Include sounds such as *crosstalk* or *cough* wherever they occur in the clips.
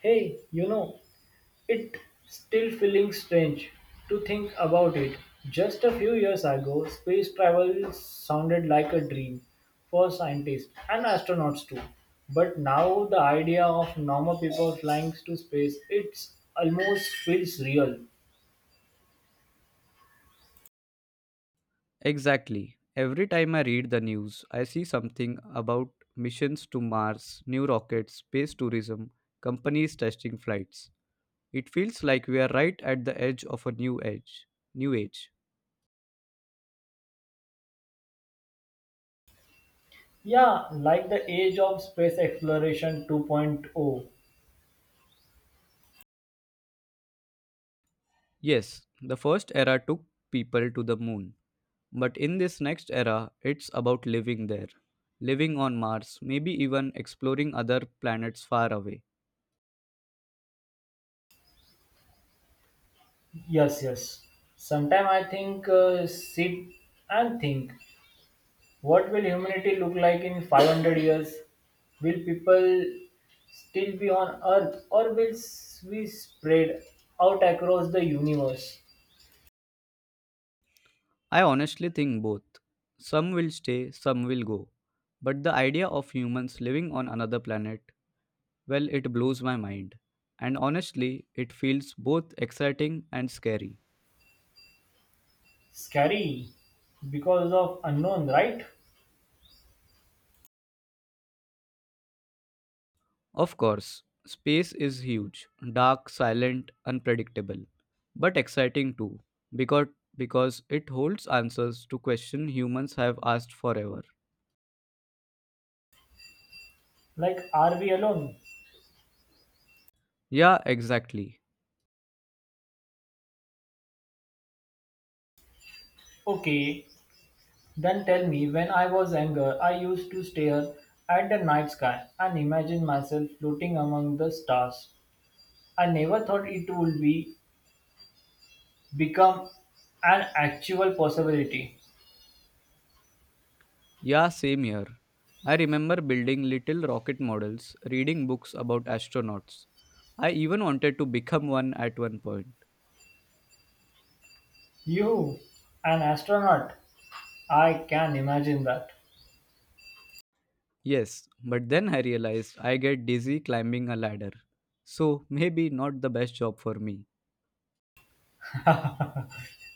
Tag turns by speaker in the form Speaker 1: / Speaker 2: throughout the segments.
Speaker 1: Hey, you know, it still feeling strange to think about it. Just a few years ago, space travel sounded like a dream for scientists and astronauts too. But now the idea of normal people flying to space, it almost feels real.
Speaker 2: Exactly. Every time I read the news, I see something about missions to Mars, new rockets, space tourism, companies testing flights. It feels like we are right at the edge of a new age. New age.
Speaker 1: Yeah, like the age of space exploration 2.0.
Speaker 2: Yes, the first era took people to the moon, but in this next era, it's about living there, living on Mars, maybe even exploring other planets far away.
Speaker 1: Yes, yes. Sometimes I think, sit and think. What will humanity look like in 500 years? Will people still be on Earth or we spread out across the universe?
Speaker 2: I honestly think both. Some will stay, some will go. But the idea of humans living on another planet, well, it blows my mind. And honestly, it feels both exciting and scary.
Speaker 1: Scary because of unknown, right?
Speaker 2: Of course, space is huge, dark, silent, unpredictable, but exciting too, because, because it holds answers to questions humans have asked forever.
Speaker 1: Like, are we alone?
Speaker 2: Yeah, exactly.
Speaker 1: Okay, then tell me, when I was younger, I used to stare at the night sky and imagine myself floating among the stars. I never thought it would be become an actual possibility.
Speaker 2: Yeah, same here. I remember building little rocket models, reading books about astronauts. I even wanted to become one at one point.
Speaker 1: You, an astronaut! I can imagine that.
Speaker 2: Yes, but then I realized I get dizzy climbing a ladder. So maybe not the best job for me.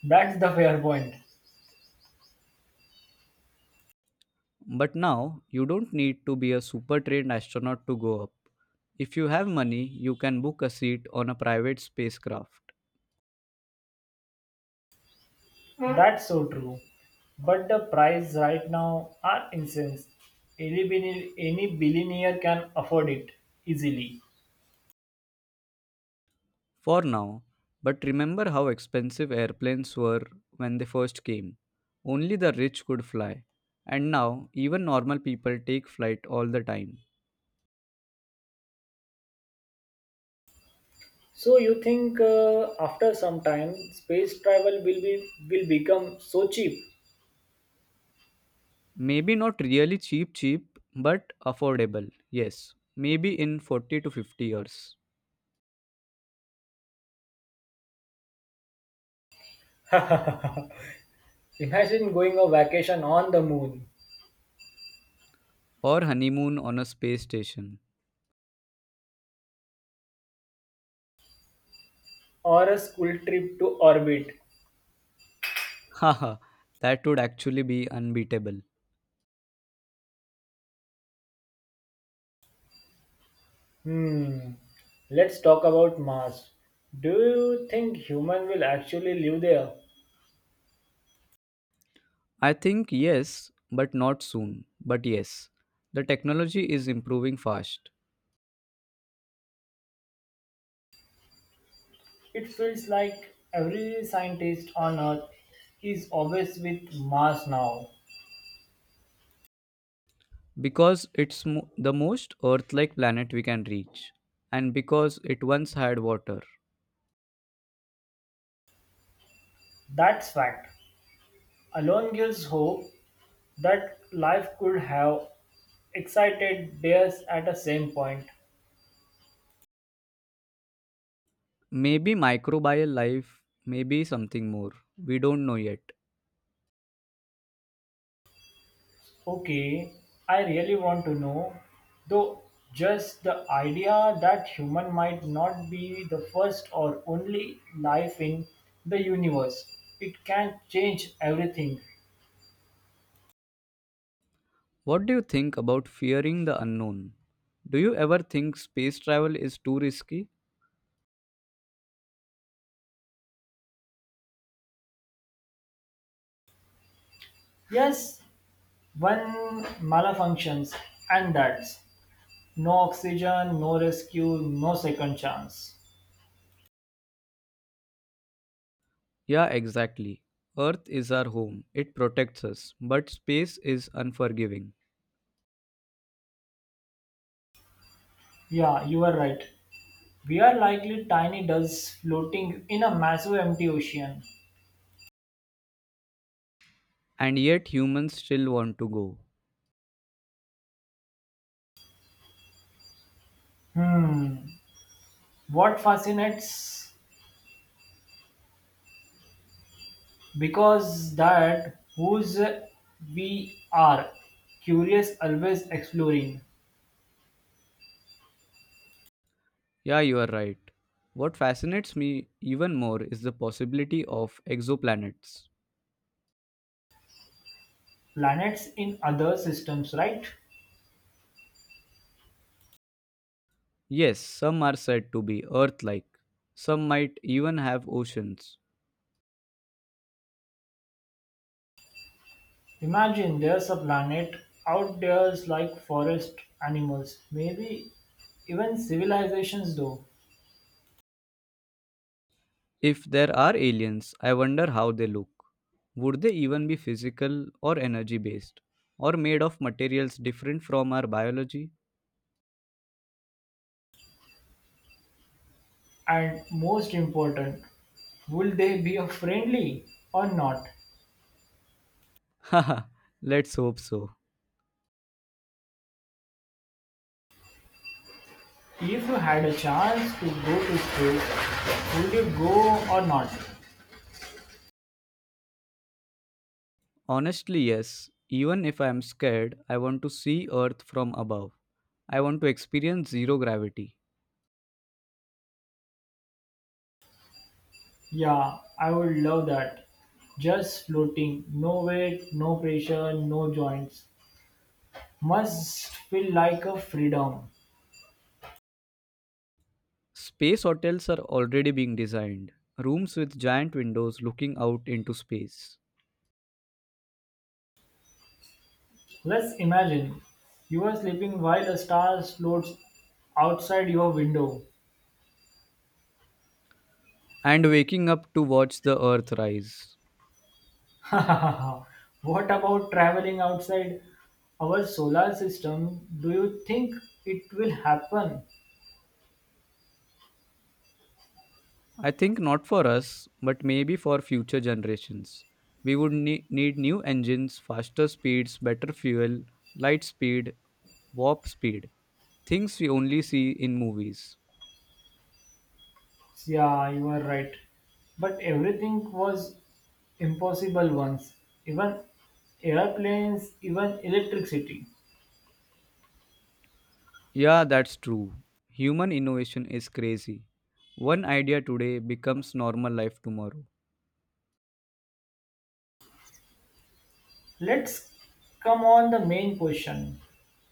Speaker 1: That's the fair point.
Speaker 2: But now you don't need to be a super trained astronaut to go up. If you have money, you can book a seat on a private spacecraft.
Speaker 1: That's so true. But the prices right now are insane. Any billionaire can afford it easily.
Speaker 2: For now, but remember how expensive airplanes were when they first came. Only the rich could fly. And now, even normal people take flight all the time.
Speaker 1: So you think, after some time space travel will become so cheap?
Speaker 2: Maybe not really cheap, but affordable. Yes, maybe in 40 to 50 years.
Speaker 1: *laughs* Imagine going on vacation on the moon
Speaker 2: Or honeymoon on a space station.
Speaker 1: or a school trip to orbit.
Speaker 2: *laughs* Haha, that would actually be unbeatable.
Speaker 1: Hmm. Let's talk about Mars. Do you think human will actually live there?
Speaker 2: I think yes, but not soon. But yes, the technology is improving fast.
Speaker 1: It feels like every scientist on Earth is obsessed with Mars now.
Speaker 2: Because the most Earth like planet we can reach, and because it once had water.
Speaker 1: That's fact. Alone gives hope that life could have excited theirs at the same point.
Speaker 2: Maybe microbial life, maybe something more. We don't know yet.
Speaker 1: Okay, I really want to know, though, just the idea that human might not be the first or only life in the universe. It can change everything.
Speaker 2: What do you think about fearing the unknown? Do you ever think space travel is too risky?
Speaker 1: Yes, one malfunctions, and that's no oxygen, no rescue, no second chance.
Speaker 2: Yeah, exactly. Earth is our home, it protects us, but space is unforgiving.
Speaker 1: Yeah, you are right. We are likely tiny dust floating in a massive empty ocean.
Speaker 2: And yet humans still want to go.
Speaker 1: Hmm, what fascinates. Because that whose we are, curious, always exploring
Speaker 2: Yeah, you are right. What fascinates me even more is the possibility of exoplanets.
Speaker 1: planets in other systems, right?
Speaker 2: Yes, some are said to be Earth like, some might even have oceans.
Speaker 1: Imagine there's a planet out there's like forest animals, maybe even civilizations though.
Speaker 2: If there are aliens, I wonder how they look. Would they even be physical or energy based, or made of materials different from our biology?
Speaker 1: And most important, would they be friendly or not?
Speaker 2: *laughs* Haha, let's hope so.
Speaker 1: If you had a chance to go to space, would you go or not?
Speaker 2: Honestly, yes. Even if I am scared, I want to see Earth from above. I want to experience zero gravity.
Speaker 1: Yeah, I would love that. Just floating, no weight, no pressure, no joints. Must feel like a freedom.
Speaker 2: Space hotels are already being designed, rooms with giant windows looking out into space
Speaker 1: Let's imagine you are sleeping while a star floats outside your window.
Speaker 2: and waking up to watch the earth rise.
Speaker 1: *laughs* What about traveling outside our solar system? Do you think it will happen?
Speaker 2: I think not for us, but maybe for future generations. We would need new engines, faster speeds, better fuel, light speed, warp speed, things we only see in movies.
Speaker 1: Yeah, you are right. But everything was impossible once, even airplanes, even electricity.
Speaker 2: Yeah, that's true. Human innovation is crazy. One idea today becomes normal life tomorrow.
Speaker 1: Let's come on the main question.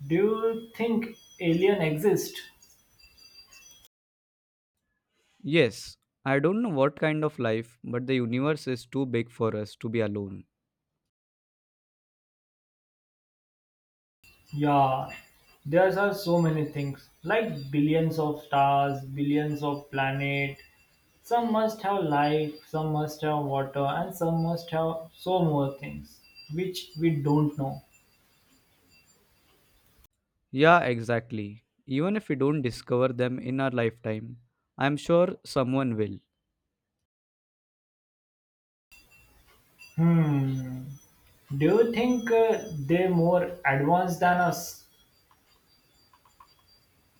Speaker 1: Do you think alien exist?
Speaker 2: Yes, I don't know what kind of life, but the universe is too big for us to be alone.
Speaker 1: Yeah, there are so many things, like billions of stars, billions of planet. Some must have life, some must have water, and some must have so more things which we don't know.
Speaker 2: Yeah, exactly. Even if we don't discover them in our lifetime, I'm sure someone will.
Speaker 1: Hmm. Do you think, they're more advanced than us?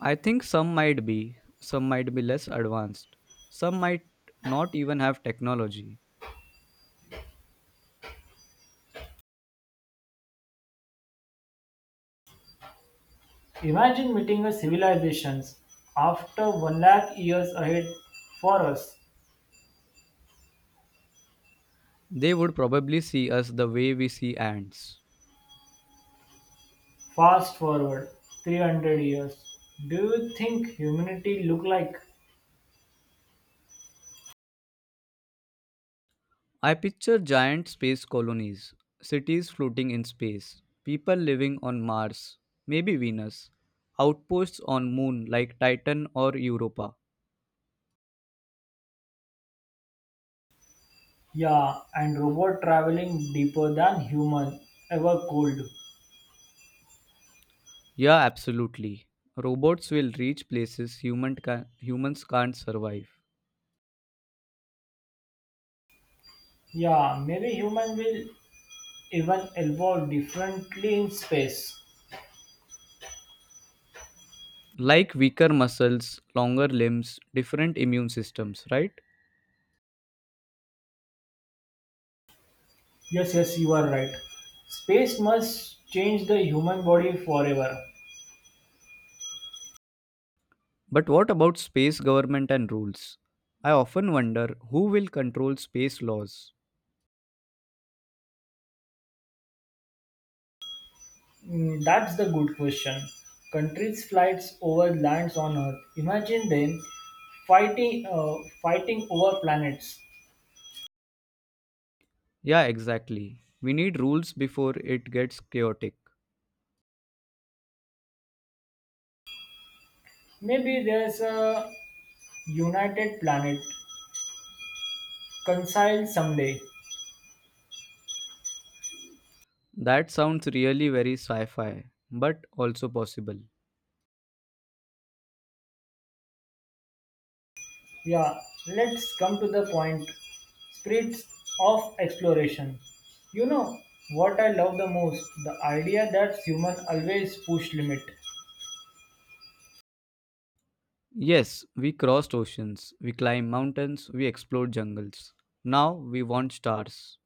Speaker 2: I think some might be less advanced, some might not even have technology.
Speaker 1: Imagine meeting a civilizations after 1 lakh years ahead for us.
Speaker 2: They would probably see us the way we see ants.
Speaker 1: Fast forward 300 years. Do you think humanity look like?
Speaker 2: I picture giant space colonies, cities floating in space, people living on Mars, maybe Venus, outposts on moon like Titan or Europa.
Speaker 1: Yeah, and robot traveling deeper than human ever could.
Speaker 2: Yeah, absolutely. Robots will reach places humans can't survive.
Speaker 1: Yeah, maybe human will even evolve differently in space.
Speaker 2: Like weaker muscles, longer limbs, different immune systems, right?
Speaker 1: Yes, yes, you are right. Space must change the human body forever.
Speaker 2: But what about space government and rules? I often wonder who will control space laws.
Speaker 1: Mm, that's the good question. Countries flights over lands on Earth. Imagine them fighting, uh, fighting over planets.
Speaker 2: Yeah, exactly. We need rules before it gets chaotic.
Speaker 1: Maybe there's a united planet conciled someday.
Speaker 2: That sounds really very sci fi, but also possible.
Speaker 1: Yeah, let's come to the point. Spirits of exploration. You know what I love the most? The idea that human always push limit.
Speaker 2: Yes, we crossed oceans, we climbed mountains, we explored jungles. Now we want stars.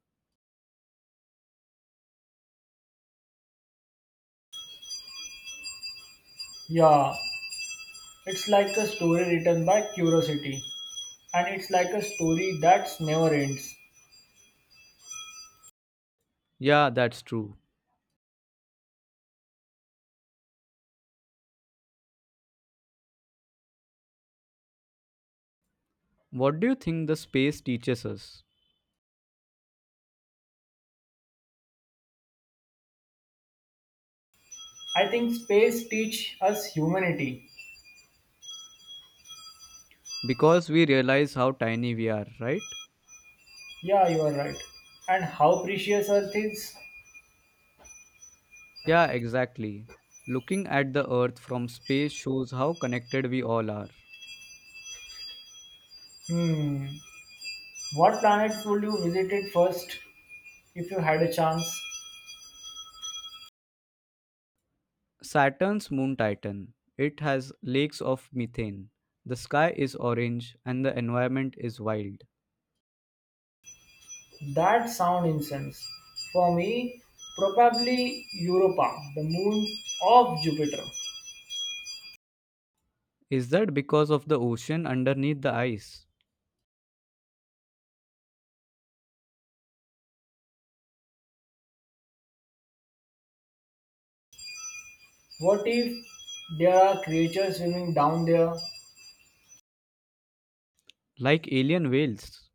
Speaker 1: Yeah, it's like a story written by curiosity, and it's like a story that's never ends.
Speaker 2: Yeah, that's true. What do you think the space teaches us?
Speaker 1: I think space teach us humanity.
Speaker 2: Because we realize how tiny we are, right?
Speaker 1: Yeah, you are right. And how precious Earth is.
Speaker 2: Yeah, exactly. Looking at the Earth from space shows how connected we all are.
Speaker 1: Hmm. What planets would you visit it first if you had a chance?
Speaker 2: Saturn's moon Titan. It has lakes of methane. The sky is orange and the environment is wild.
Speaker 1: That sound incense. For me, probably Europa, the moon of Jupiter.
Speaker 2: Is that because of the ocean underneath the ice?
Speaker 1: What if there are creatures swimming down there
Speaker 2: Like alien whales?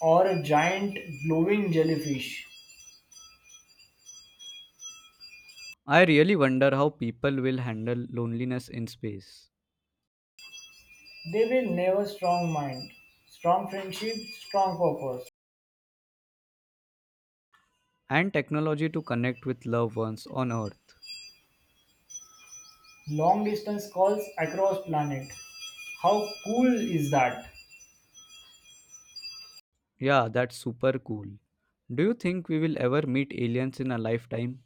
Speaker 1: or a giant glowing jellyfish?
Speaker 2: I really wonder how people will handle loneliness in space
Speaker 1: They will never strong mind, strong friendship, strong purpose.
Speaker 2: and technology to connect with loved ones on Earth.
Speaker 1: Long distance calls across planet. How cool is that?
Speaker 2: Yeah, that's super cool. Do you think we will ever meet aliens in a lifetime?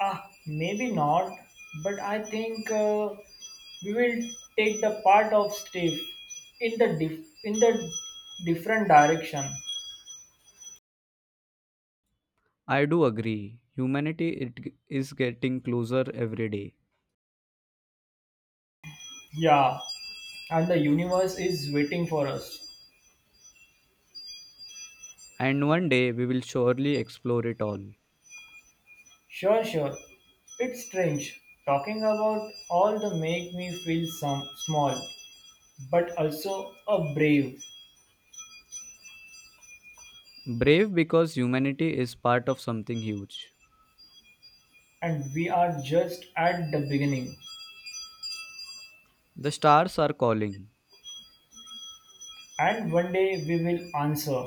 Speaker 1: Ah, maybe not, but I think, we will take the part of Steve in the different direction.
Speaker 2: I do agree. Humanity is getting closer every day.
Speaker 1: Yeah, and the universe is waiting for us.
Speaker 2: And one day we will surely explore it all.
Speaker 1: Sure, sure. It's strange talking about all the make me feel some small, but also a brave,
Speaker 2: Brave because humanity is part of something huge.
Speaker 1: and we are just at the beginning.
Speaker 2: The stars are calling.
Speaker 1: And one day we will answer.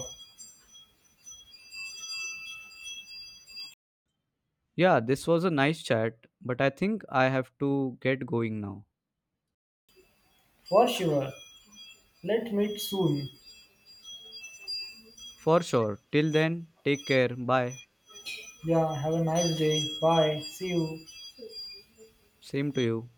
Speaker 2: Yeah, this was a nice chat, but I think I have to get going now.
Speaker 1: For sure. Let's meet soon.
Speaker 2: For sure. Till then, take care. Bye.
Speaker 1: Yeah, have a nice day. Bye. See you.
Speaker 2: Same to you.